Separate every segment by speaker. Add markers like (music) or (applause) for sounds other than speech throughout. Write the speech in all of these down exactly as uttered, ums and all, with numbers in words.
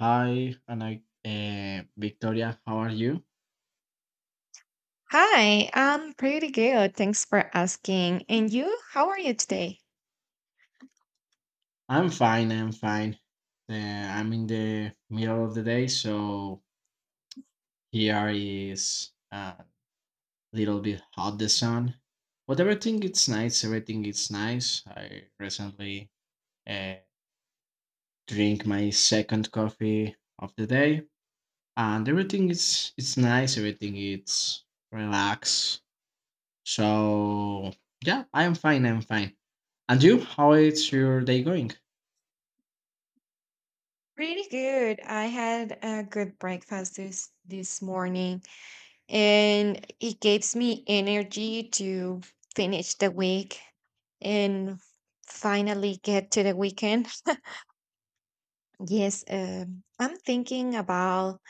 Speaker 1: Hi, and I, uh, Victoria, how are you?
Speaker 2: Hi, I'm pretty good. Thanks for asking. And you, how are you today?
Speaker 1: I'm fine, I'm fine. Uh, I'm in the middle of the day, so here is a little bit hot the sun. But everything it's nice, everything is nice. I recently uh, drink my second coffee of the day, and everything is it's nice, everything it's relaxed. So yeah, I'm fine, I'm fine. And you, how is your day going?
Speaker 2: Pretty good. I had a good breakfast this this morning, and it gives me energy to finish the week and finally get to the weekend. Yes, um, I'm thinking about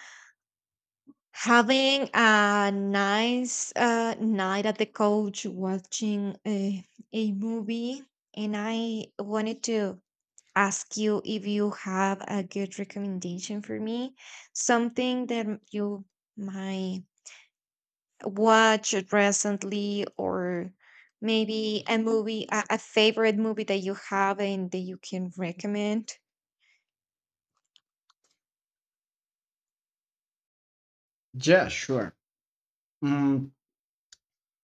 Speaker 2: having a nice uh, night at the couch watching a, a movie, and I wanted to ask you if you have a good recommendation for me, something that m- you might watch recently, or maybe a movie, a, a favorite movie that you have and that you can recommend.
Speaker 1: Yeah, sure. Mm,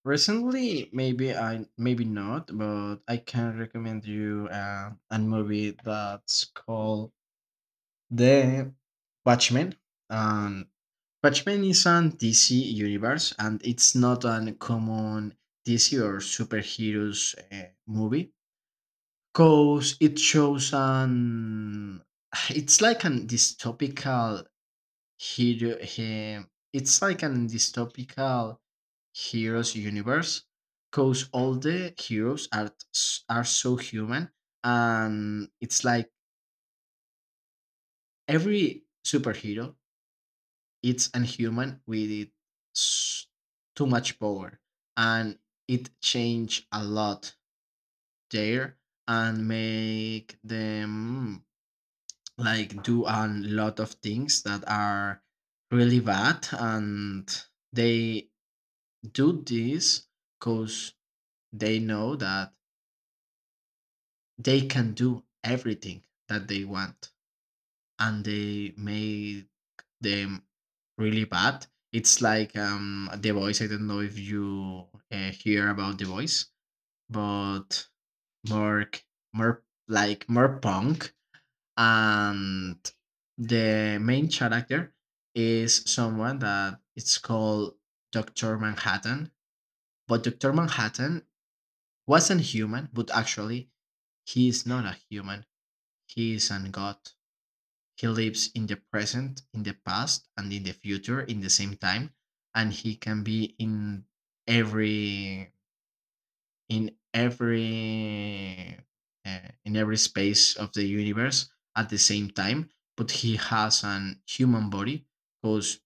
Speaker 1: recently, maybe I maybe not, but I can recommend you uh, a movie that's called The Watchmen. Um, Watchmen is on D C universe, and it's not an common D C or superheroes uh, movie because it shows an (sighs) it's like an dystopical Hero, he, it's like an dystopical heroes universe because all the heroes are s- are so human and it's like every superhero it's unhuman with it s- too much power and it change a lot there and make them like do a lot of things that are really bad and they do this because they know that they can do everything that they want and they made them really bad. It's like um the voice, I don't know if you uh, hear about the voice but more more like more punk. And the main character is someone that it's called Dr. Manhattan, but Dr. Manhattan wasn't human, but actually, he is not a human. He is an god. He lives in the present, in the past, and in the future in the same time, and he can be in every in every uh, in every space of the universe at the same time. But he has an human body, because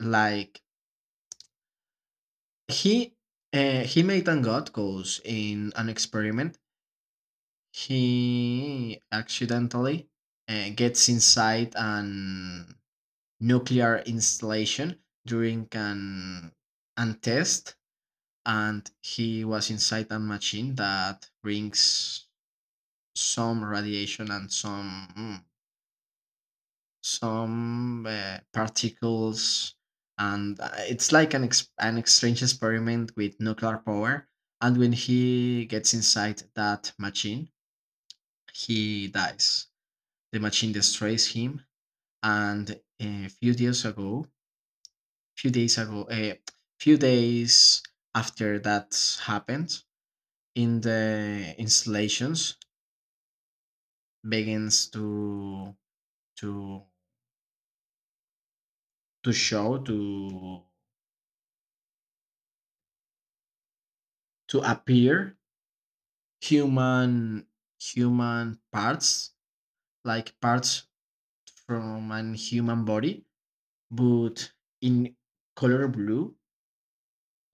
Speaker 1: like he uh, he made a god, because in an experiment he accidentally uh, gets inside an nuclear installation during an, an test, and he was inside a machine that brings some radiation and some mm, some uh, particles, and uh, it's like an ex- an strange experiment with nuclear power. And when he gets inside that machine, he dies. The machine destroys him. And a few days ago, few days ago, a few days after that happened, in the installations begins to to to show to to appear human human parts, like parts from an human body, but in color blue,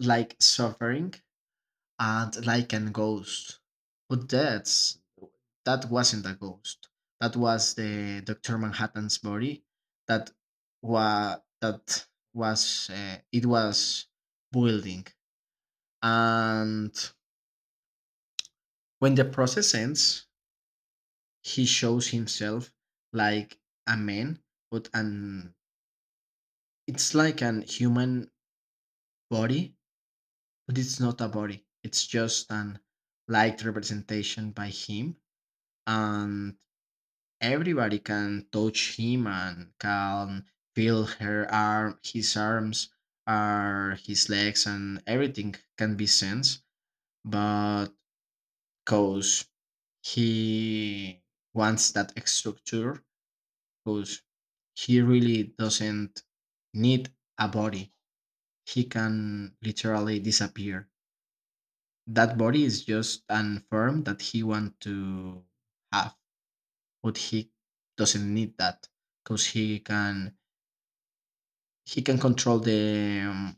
Speaker 1: like suffering and like an ghost. But that's that wasn't a ghost. That was the Doctor Manhattan's body. That was that was uh, it was building. And when the process ends, he shows himself like a man, but an it's like an human body, but it's not a body. It's just an light representation by him. And everybody can touch him and can feel her arm, his arms, or his legs, and everything can be sensed. But cause he wants that structure, cause he really doesn't need a body. He can literally disappear. That body is just an form that he want to have, but he doesn't need that because he can he can control the um,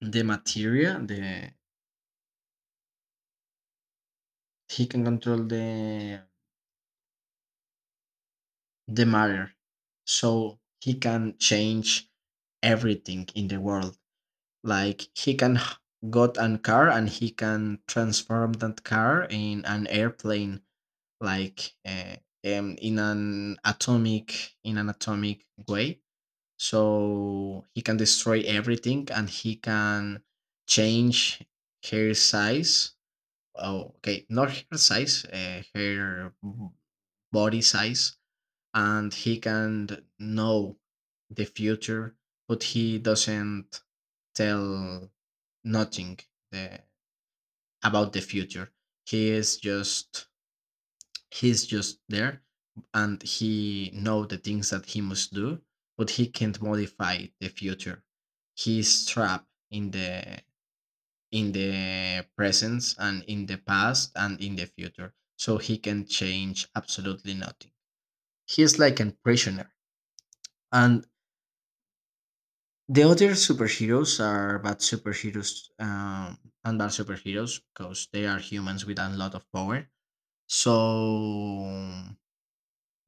Speaker 1: the material, the he can control the the matter. So he can change everything in the world. Like he can h- got an car and he can transform that car in an airplane, like uh, um, in an atomic in an atomic way. So he can destroy everything and he can change hair size. Oh, okay. Not her size, uh, her b- body size, and he can know the future, but he doesn't tell nothing the, about the future. He is just he's just there, and he know the things that he must do, but he can't modify the future. He's trapped in the in the presence and in the past and in the future. So he can change absolutely nothing. He is like a prisoner. And the other superheroes are bad superheroes, um, and bad superheroes because they are humans with a lot of power. So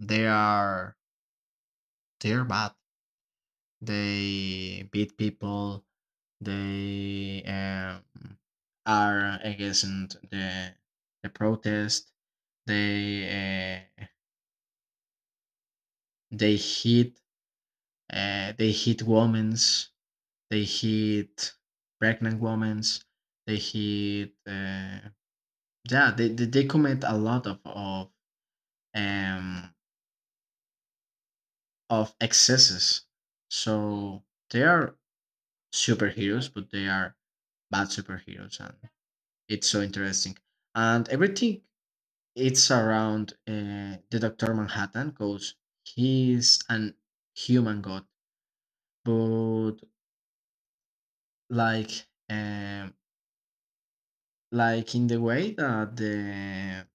Speaker 1: they are they're bad. They beat people. They um, are against the the protest. They uh, they hit uh, they hit women's. They hit pregnant women's. They hit uh, yeah. They, they they commit a lot of of um of excesses. So they are superheroes, but they are bad superheroes, and it's so interesting. And everything it's around uh, the Doctor Manhattan because he's an human god, but like um, like in the way that the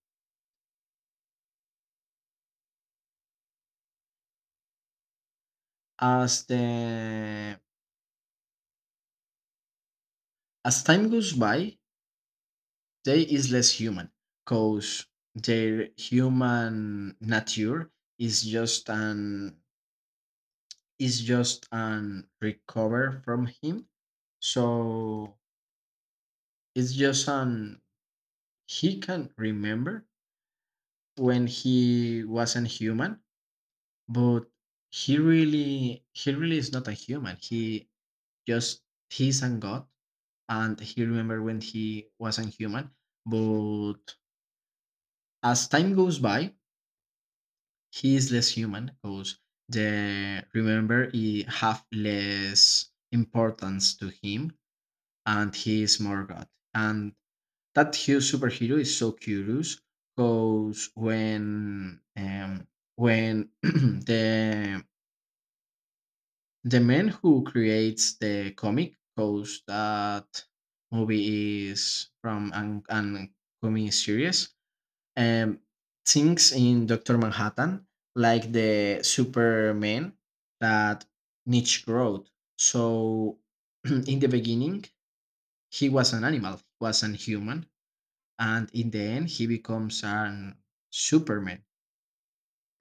Speaker 1: as the as time goes by, they is less human because their human nature is just an is just an recover from him. So it's just an he can remember when he wasn't human, but he really he really is not a human, he just he's a god and he remember when he wasn't human, but as time goes by he is less human because the remember he have less importance to him and he is more god. And that huge superhero is so curious because when um, when (clears throat) the the man who creates the comic, because that movie is from an, an comic series, um, things in Doctor Manhattan like the Superman that Nietzsche wrote. So (clears throat) in the beginning he was an animal, he was an human, and in the end he becomes an superman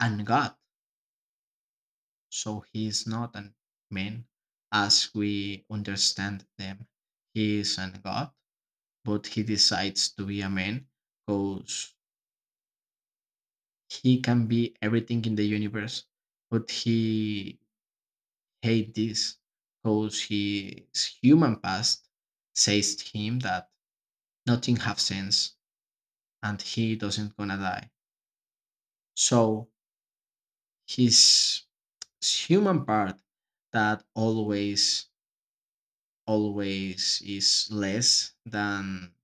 Speaker 1: and god. So he is not a man as we understand them, he is a god, but he decides to be a man because he can be everything in the universe but he hate this because his human past says to him that nothing have sense and he doesn't gonna die. So his human part that always always is less than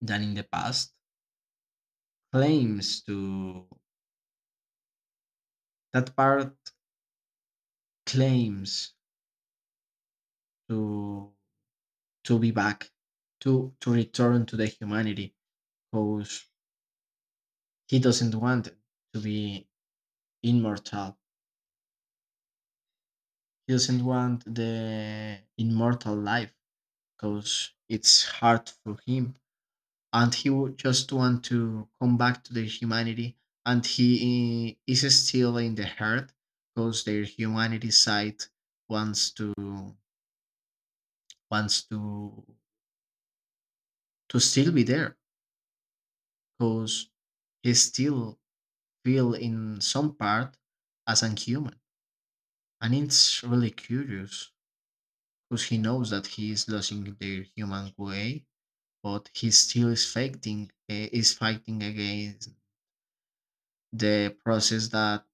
Speaker 1: than in the past claims to that part claims to to be back to to return to the humanity because he doesn't want to be immortal, he doesn't want the immortal life because it's hard for him and he would just want to come back to the humanity. And he i- is still in the hurt because their humanity side wants to wants to to still be there because he still feel in some part as an human. And it's really curious because he knows that he is losing their human way but he still is fighting eh, is fighting against the process that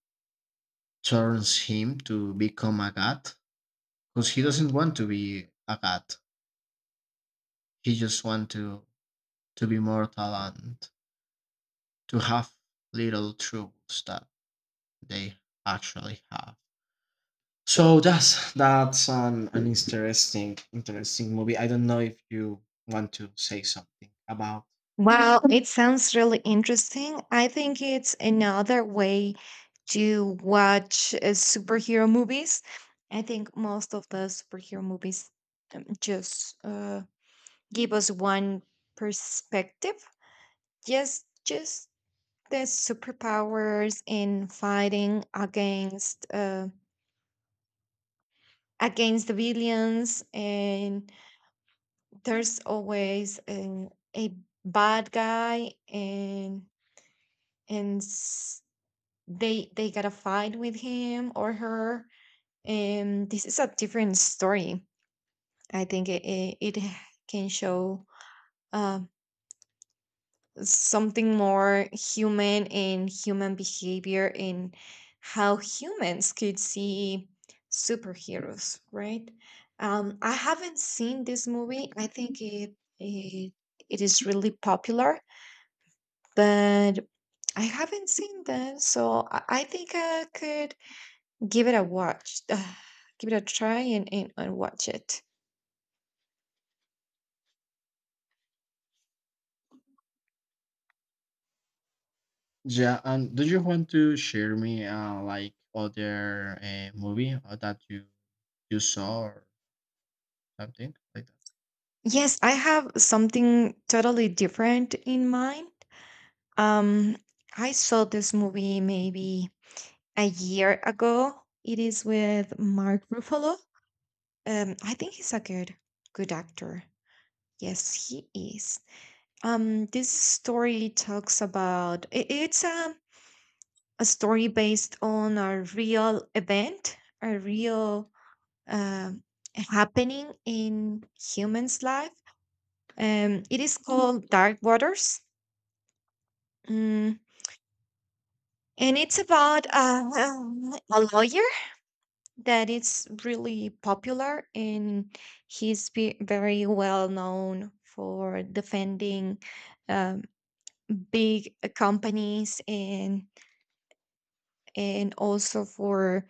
Speaker 1: turns him to become a god because he doesn't want to be a god. He just wants to to be mortal and to have little troubles that they actually have. So that's that's an, an interesting interesting movie. I don't know if you want to say something about.
Speaker 2: Wow, it sounds really interesting. I think it's another way to watch uh, superhero movies. I think most of the superhero movies um, just uh, give us one perspective. Yes, just the superpowers in fighting against uh, against the villains, and there's always an, a bad guy, and and s- they they gotta fight with him or her. And this is a different story. I think it it, it can show. uh, something more human and human behavior and how humans could see superheroes, right? Um, I haven't seen this movie. I think it, it it is really popular, but I haven't seen that, so I, I think I could give it a watch, uh, give it a try, and, and and watch it.
Speaker 1: Yeah. And do you want to share me uh, like other uh, movie uh, that you you saw or something like that?
Speaker 2: Yes, I have something totally different in mind. Um, I saw this movie maybe a year ago. It is with Mark Ruffalo. Um, I think he's a good good actor. Yes, he is. Um, this story talks about i- it's a a story based on a real event, a real um happening in humans' life. Um, it is called Dark Waters. Mm, and it's about uh, um, a lawyer that it's really popular, and he's be very well known for defending um, big uh, companies, and and also for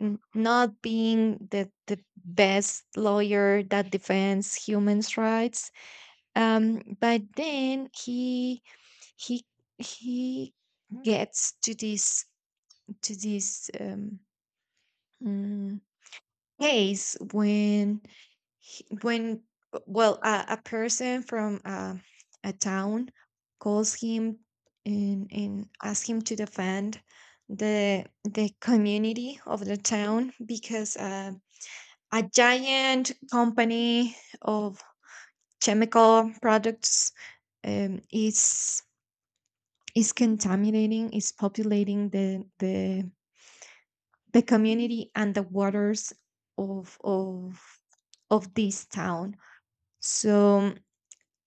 Speaker 2: n- not being the, the best lawyer that defends human rights, um, but then he he he gets to this to this um, mm, case when he- when well, a, a person from uh, a town calls him and and asks him to defend the the community of the town, because uh, a giant company of chemical products um, is is contaminating is populating the the the community and the waters of of of this town. So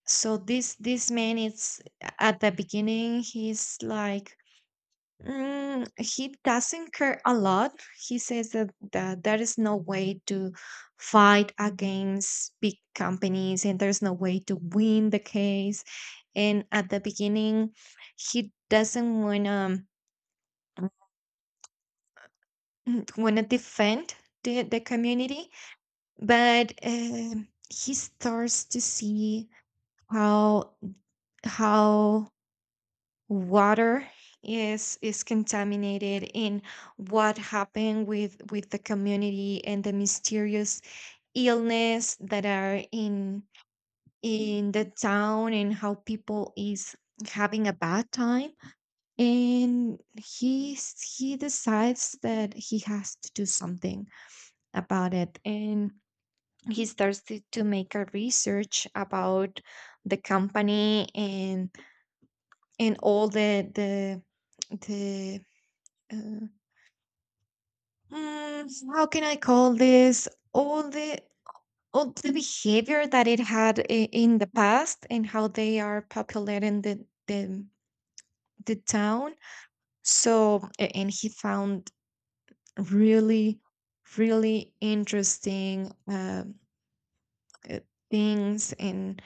Speaker 2: so this this man, it's, at the beginning, he's like, mm, he doesn't care a lot. He says that, that there is no way to fight against big companies, and there's no way to win the case. And at the beginning, he doesn't want to want to (clears throat) defend the, the community. But, um, he starts to see how how water is is contaminated, and what happened with with the community and the mysterious illness that are in in the town, and how people is having a bad time. And he s- he decides that he has to do something about it. And he started to make a research about the company, and and all the the the uh, mm, how can I call this, all the all the behavior that it had i- in the past, and how they are populating the the, the town. So a- and he found really really interesting um, uh, things, and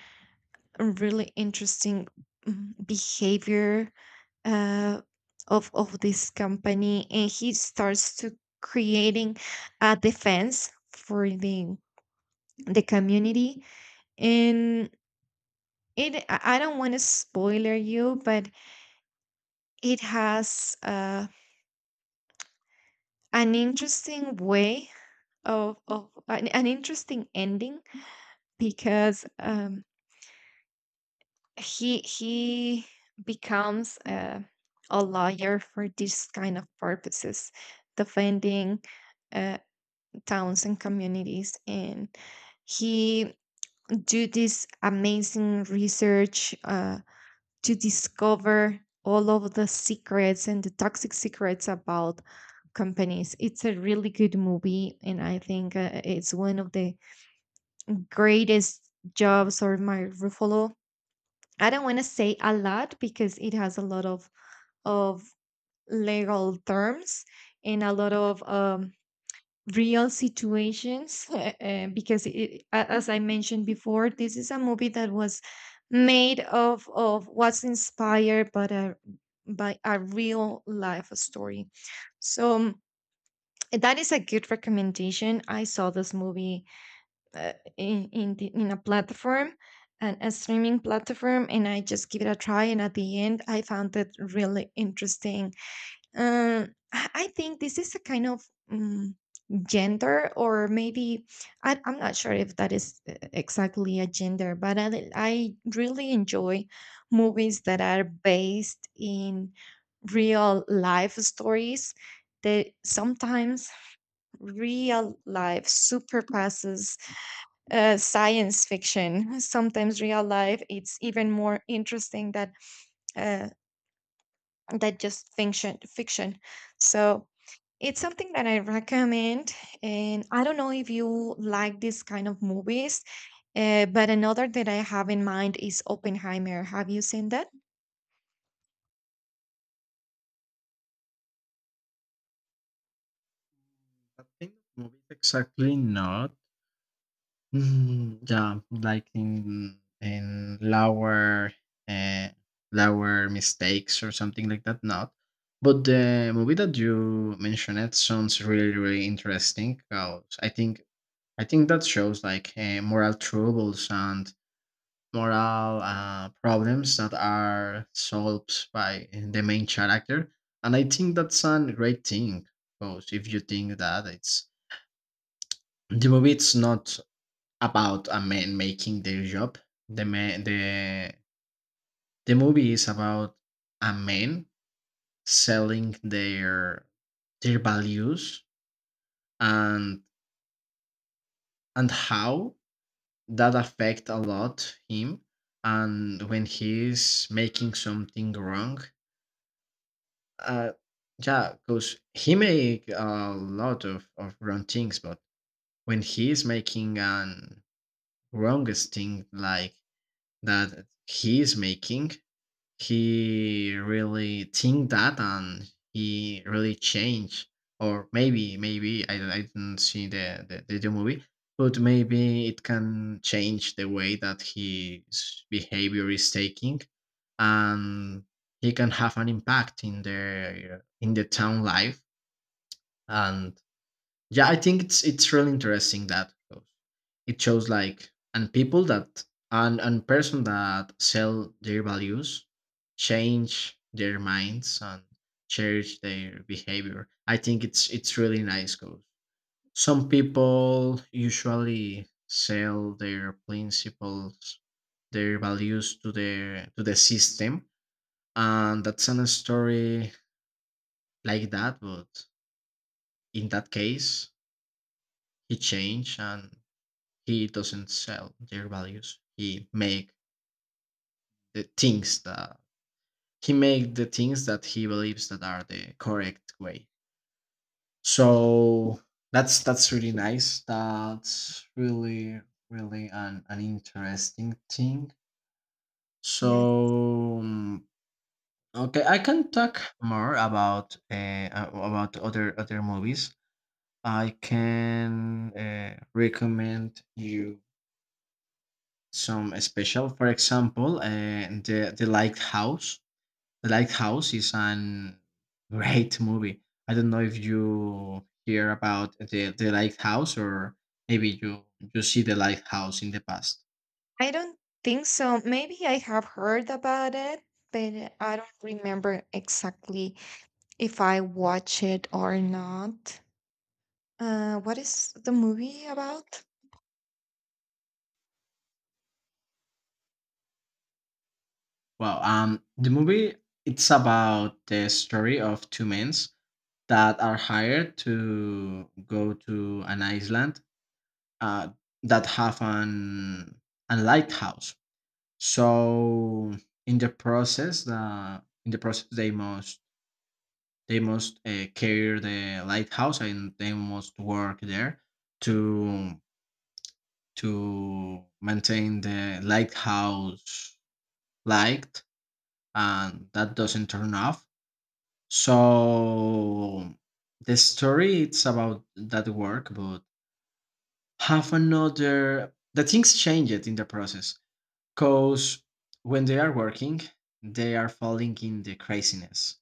Speaker 2: a really interesting, mm, behavior uh, of of this company, and he starts to creating a defense for the the community. And it, I I don't want to spoiler you, but it has uh, an interesting way of of an, an interesting ending because, um, he he becomes uh, a lawyer for this kind of purposes, defending uh, towns and communities, and he do this amazing research uh, to discover all of the secrets and the toxic secrets about companies. It's a really good movie, and I think uh, it's one of the greatest jobs or my Ruffalo. I don't want to say a lot because it has a lot of of legal terms and a lot of um, real situations. (laughs) Uh, because, it, a- as I mentioned before, this is a movie that was made of of what's inspired by a by a real life story. So um, that is a good recommendation. I saw this movie uh, in in, the, in a platform and a streaming platform, and I just give it a try, and at the end I found it really interesting. Um, i I think this is a kind of um, gender, or maybe I, i'm not sure if that is uh, exactly a gender, but I, I really enjoy movies that are based in real life stories, that sometimes real life surpasses uh, science fiction. Sometimes real life, it's even more interesting that uh, that just fiction. Fiction. So it's something that I recommend. And I don't know if you like this kind of movies, uh, but another that I have in mind is Oppenheimer. Have you seen that?
Speaker 1: I think movies exactly not. Mm, yeah, like in in lower uh, lower mistakes or something like that. Not, but the movie that you mentioned it sounds really really interesting. 'Cause I think I think that shows like uh, moral troubles and moral uh, problems that are solved by the main character, and I think that's a great thing. Because if you think that it's the movie it's not about a man making their job. The man the the movie is about a man selling their their values and and how that affect a lot him and when he is making something wrong. Uh yeah, because he make a lot of, of wrong things, but when he is making an wrongest thing like that he is making, he really think that. And he really changed, or maybe maybe i, I didn't see the, the the new movie, but maybe it can change the way that his behavior is taking, and he can have an impact in the in the town life. And yeah, I think it's it's really interesting that because it shows like and people that and and person that sell their values change their minds and change their behavior. I think it's it's really nice because some people usually sell their principles, their values to their to the system, and that's an story like that. But in that case, he changed and he doesn't sell their values. he make the things that he make the things that he believes that are the correct way. So that's that's really nice. That's really really an, an interesting thing.
Speaker 2: Yes.
Speaker 1: So mm, okay, I can talk more about uh, a- about other other movies. I can uh, recommend you some special. For example, uh, the the lighthouse. The lighthouse is an (laughs) great movie. I don't know if you hear about the the lighthouse, or maybe you you see the lighthouse in the past.
Speaker 2: I don't think so. Maybe I have heard about it, but I don't remember exactly if I watch it or not. Uh, what is the movie about?
Speaker 1: Well, um, the movie it's about the story of two men that are hired to go to an island uh, that have an a lighthouse. So in the process, the in the process they must they must uh, carry the lighthouse and they must work there to to maintain the lighthouse light and that doesn't turn off. So the story it's about that work, but have another the things changed in the process. Because when they are working, they are falling in the craziness.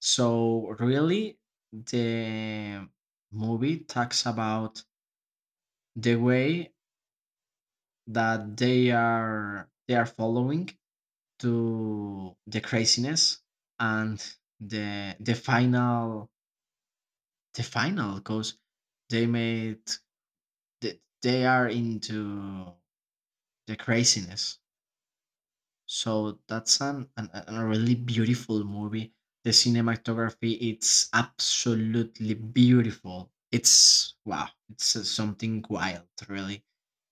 Speaker 1: So really, the movie talks about the way that they are they are following to the craziness, and the the final the final because they made they, they are into the craziness. So that's an, an an- a really beautiful movie. The cinematography it's absolutely beautiful. It's wow, it's uh, something wild, really.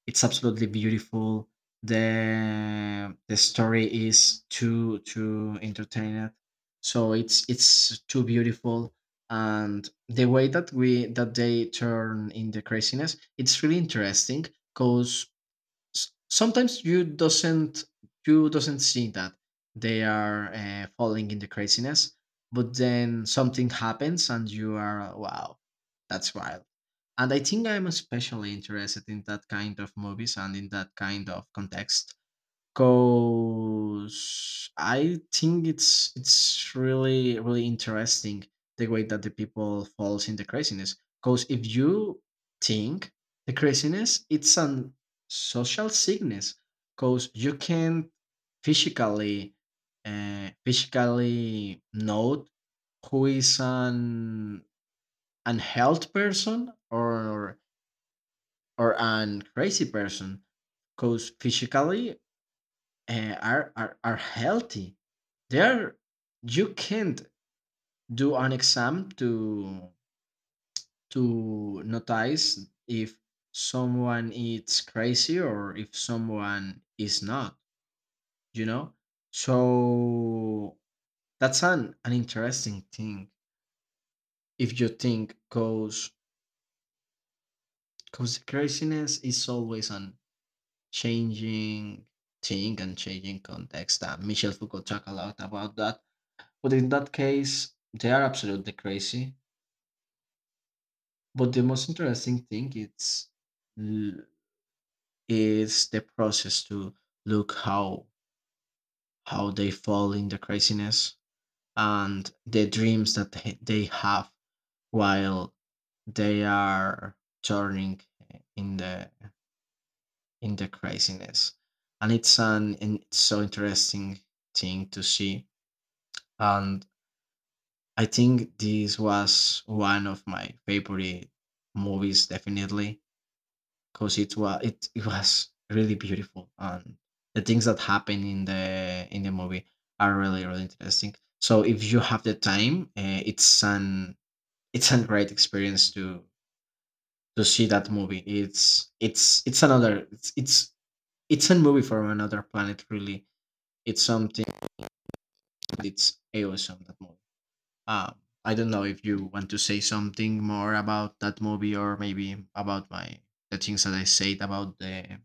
Speaker 1: It's absolutely beautiful. The the story is too too entertaining. So it's it's too beautiful, and the way that we that they turn in the craziness, it's really interesting because s- sometimes you doesn't you doesn't see that they are uh, falling in the craziness, but then something happens and you are wow, that's wild. And I think I'm especially interested in that kind of movies and in that kind of context. Cause I think it's it's really really interesting the way that the people falls in the craziness. Cause if you think the craziness, it's an social sickness. Cause you can't physically uh, physically note who is an unhealth person or or an crazy person because physically uh, are, are are healthy there. You can't do an exam to to notice if someone is crazy or if someone is not, you know. So that's an an interesting thing if you think, cause cause craziness is always an changing thing and changing context. Uh, michel Foucault talk a lot about that. But in that case, they are absolutely crazy. But the most interesting thing it's l- is the process to look how how they fall in the craziness and the dreams that they they have while they are turning in the in the craziness. And it's an and it's so interesting thing to see. And I think this was one of my favorite movies, definitely, because it was it, it was really beautiful, and the things that happen in the in the movie are really really interesting. So if you have the time, uh, it's an it's a great experience to to see that movie. It's it's it's another it's it's it's a movie from another planet. Really, it's something. It's awesome, that movie. Uh, I don't know if you want to say something more about that movie, or maybe about my the things that I said about the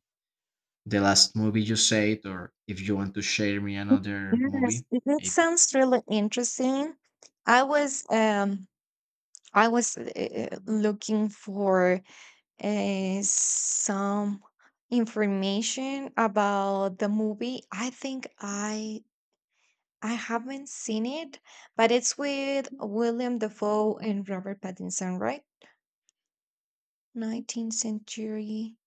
Speaker 1: the last movie you said, or if you want to share me another
Speaker 2: Yes,
Speaker 1: movie,
Speaker 2: it, it
Speaker 1: maybe.
Speaker 2: sounds really interesting. I was um I was uh, looking for uh, some information about the movie. I think I I haven't seen it, but it's with William Dafoe and Robert Pattinson, right? 19th century,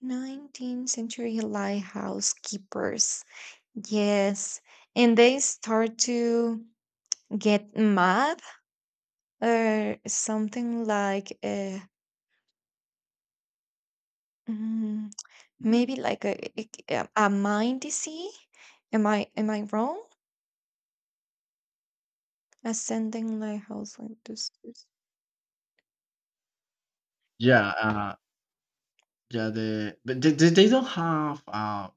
Speaker 2: 19th century lighthouse keepers. Yes. And they start to get mad, or something like a, mm, maybe like a, a, a mind disease. Am I am I wrong? Ascending lighthouse like this.
Speaker 1: Yeah, uh, yeah. The but they, they they don't have uh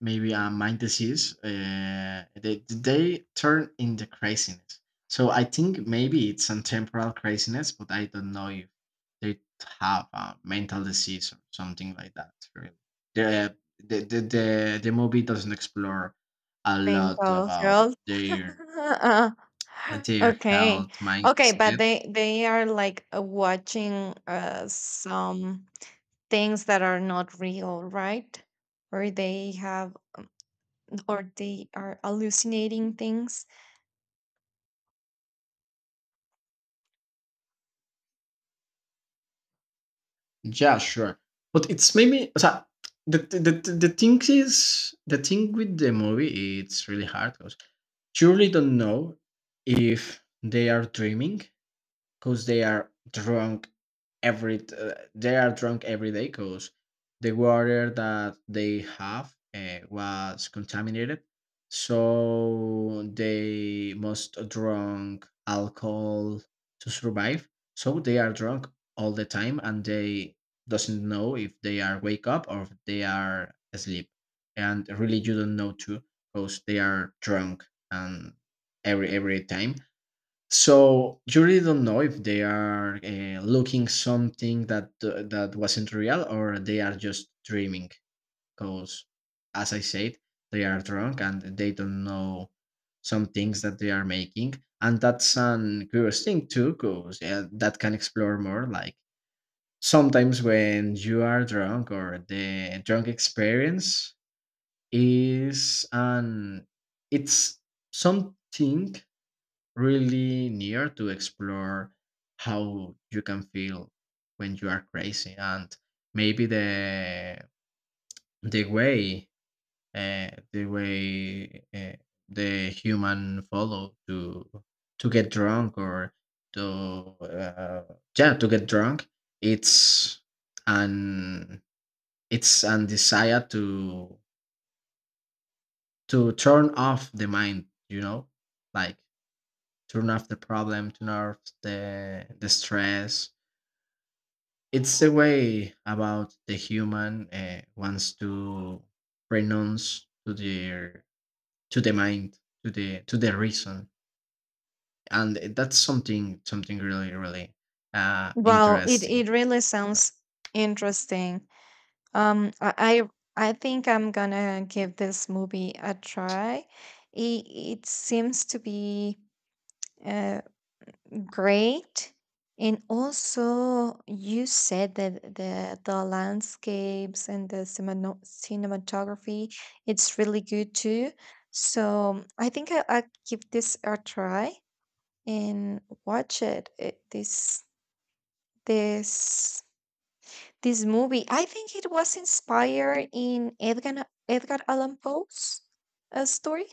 Speaker 1: maybe a mind disease. Uh, they they turn into craziness. So I think maybe it's a temporal craziness, but I don't know if they have a mental disease or something like that. Really, the the the the, the movie doesn't explore a lot
Speaker 2: Mental
Speaker 1: about
Speaker 2: health. (laughs)
Speaker 1: their their
Speaker 2: okay,
Speaker 1: health
Speaker 2: okay, but
Speaker 1: mindset.
Speaker 2: they they are like uh, watching uh, some things that are not real, right? Or they have, or they are hallucinating things.
Speaker 1: Yeah, sure, but it's maybe. So, the, the, the the thing is the thing with the movie it's really hard 'cause truly don't know if they are dreaming because they are drunk every t- uh, they are drunk every day because the water that they have uh, was contaminated, so they must drunk alcohol to survive, so they are drunk all the time, and they doesn't know if they are wake up or if they are asleep. And really you don't know too, because they are drunk. And every every time, so you really don't know if they are uh, looking something that uh, that wasn't real, or they are just dreaming. Because, as I said, they are drunk and they don't know some things that they are making, and that's an curious thing too. Because uh, that can explore more. Like sometimes when you are drunk, or the drunk experience is an it's something really near to explore how you can feel when you are crazy. And maybe the the way uh, the way uh, the human follow to to get drunk, or to uh, yeah to get drunk, it's an it's an desire to to turn off the mind, you know, like turn off the problem, turn off the the stress. It's the way about the human uh, wants to renounce to their to the mind to the to the reason. And that's something something really really uh,
Speaker 2: Well, it
Speaker 1: interesting.
Speaker 2: it really
Speaker 1: So
Speaker 2: sounds interesting. Um, I I I think I'm gonna give this movie a try. It it seems to be. uh, Great. And also, you said that the the landscapes and the cinema- cinematography, it's really good too. So I think I, I'll give this a try and watch it. It this this this movie. I think it was inspired in Edgar Edgar Allan Poe's uh, story.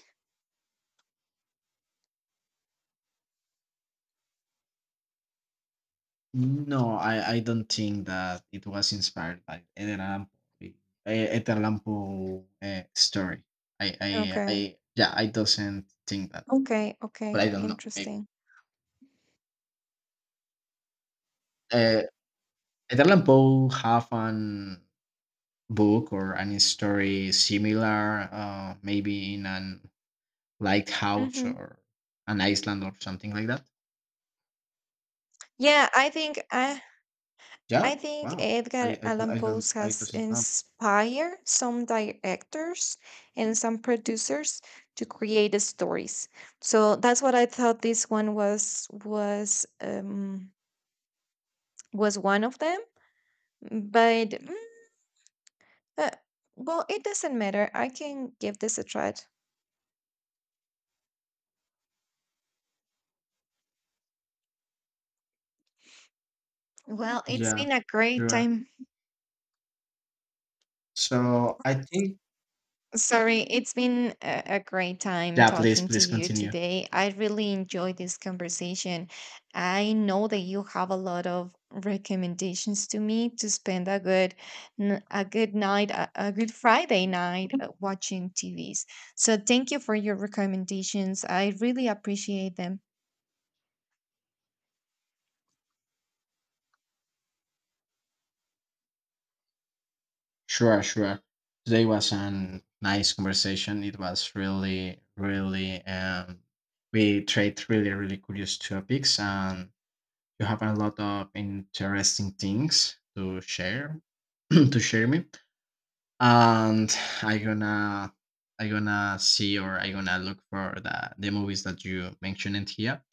Speaker 1: no, I I don't think that it was inspired by Edgar Allan Poe, eh, Edgar Allan Poe uh, story. I I
Speaker 2: Okay.
Speaker 1: I yeah, I doesn't think that,
Speaker 2: Okay.
Speaker 1: but I
Speaker 2: Okay.
Speaker 1: don't know, maybe.
Speaker 2: Interesting.
Speaker 1: Eh, Italian Bowl have an book or any story similar, uh, maybe in an lighthouse
Speaker 2: Mhm.
Speaker 1: or an Iceland or something like that?
Speaker 2: Yeah, I think I
Speaker 1: Yeah.
Speaker 2: I think
Speaker 1: Wow. I
Speaker 2: Edgar
Speaker 1: I do not I
Speaker 2: Allan
Speaker 1: I, d- I
Speaker 2: Poe
Speaker 1: don't I
Speaker 2: has
Speaker 1: doesn't know.
Speaker 2: inspired some directors and some producers to create the stories. So that's what I thought this one was was um was one of them. But Uh, well, it doesn't matter. I can give this a try. Well, it's
Speaker 1: Yeah.
Speaker 2: been a great
Speaker 1: Sure.
Speaker 2: time.
Speaker 1: So I think.
Speaker 2: Sorry, it's been a, a great time
Speaker 1: Yeah. Please,
Speaker 2: talking to
Speaker 1: please
Speaker 2: you
Speaker 1: continue.
Speaker 2: today. I really enjoyed this conversation. I know that you have a lot of recommendations to me to spend a good, n- a good night, a, a good Friday night uh, watching T Vs. So thank you for your recommendations. I really appreciate them.
Speaker 1: Sure. Sure. Today was a nice conversation. It was really really um we trade really really curious topics. And you have a lot of interesting things to share, (clears throat) to share me. And I gonna I gonna see, or I gonna look for the the movies that you mentioned here.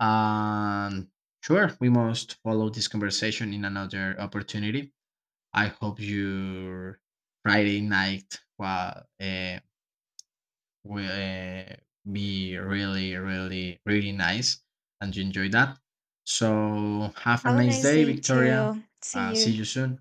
Speaker 1: And sure, we must follow this conversation in another opportunity. I hope your Friday night was will uh, be really, really, really nice and you enjoy that. So, have a
Speaker 2: Have a
Speaker 1: nice
Speaker 2: nice
Speaker 1: day,
Speaker 2: day
Speaker 1: Victoria.
Speaker 2: too. See
Speaker 1: Uh, see
Speaker 2: you.
Speaker 1: you soon.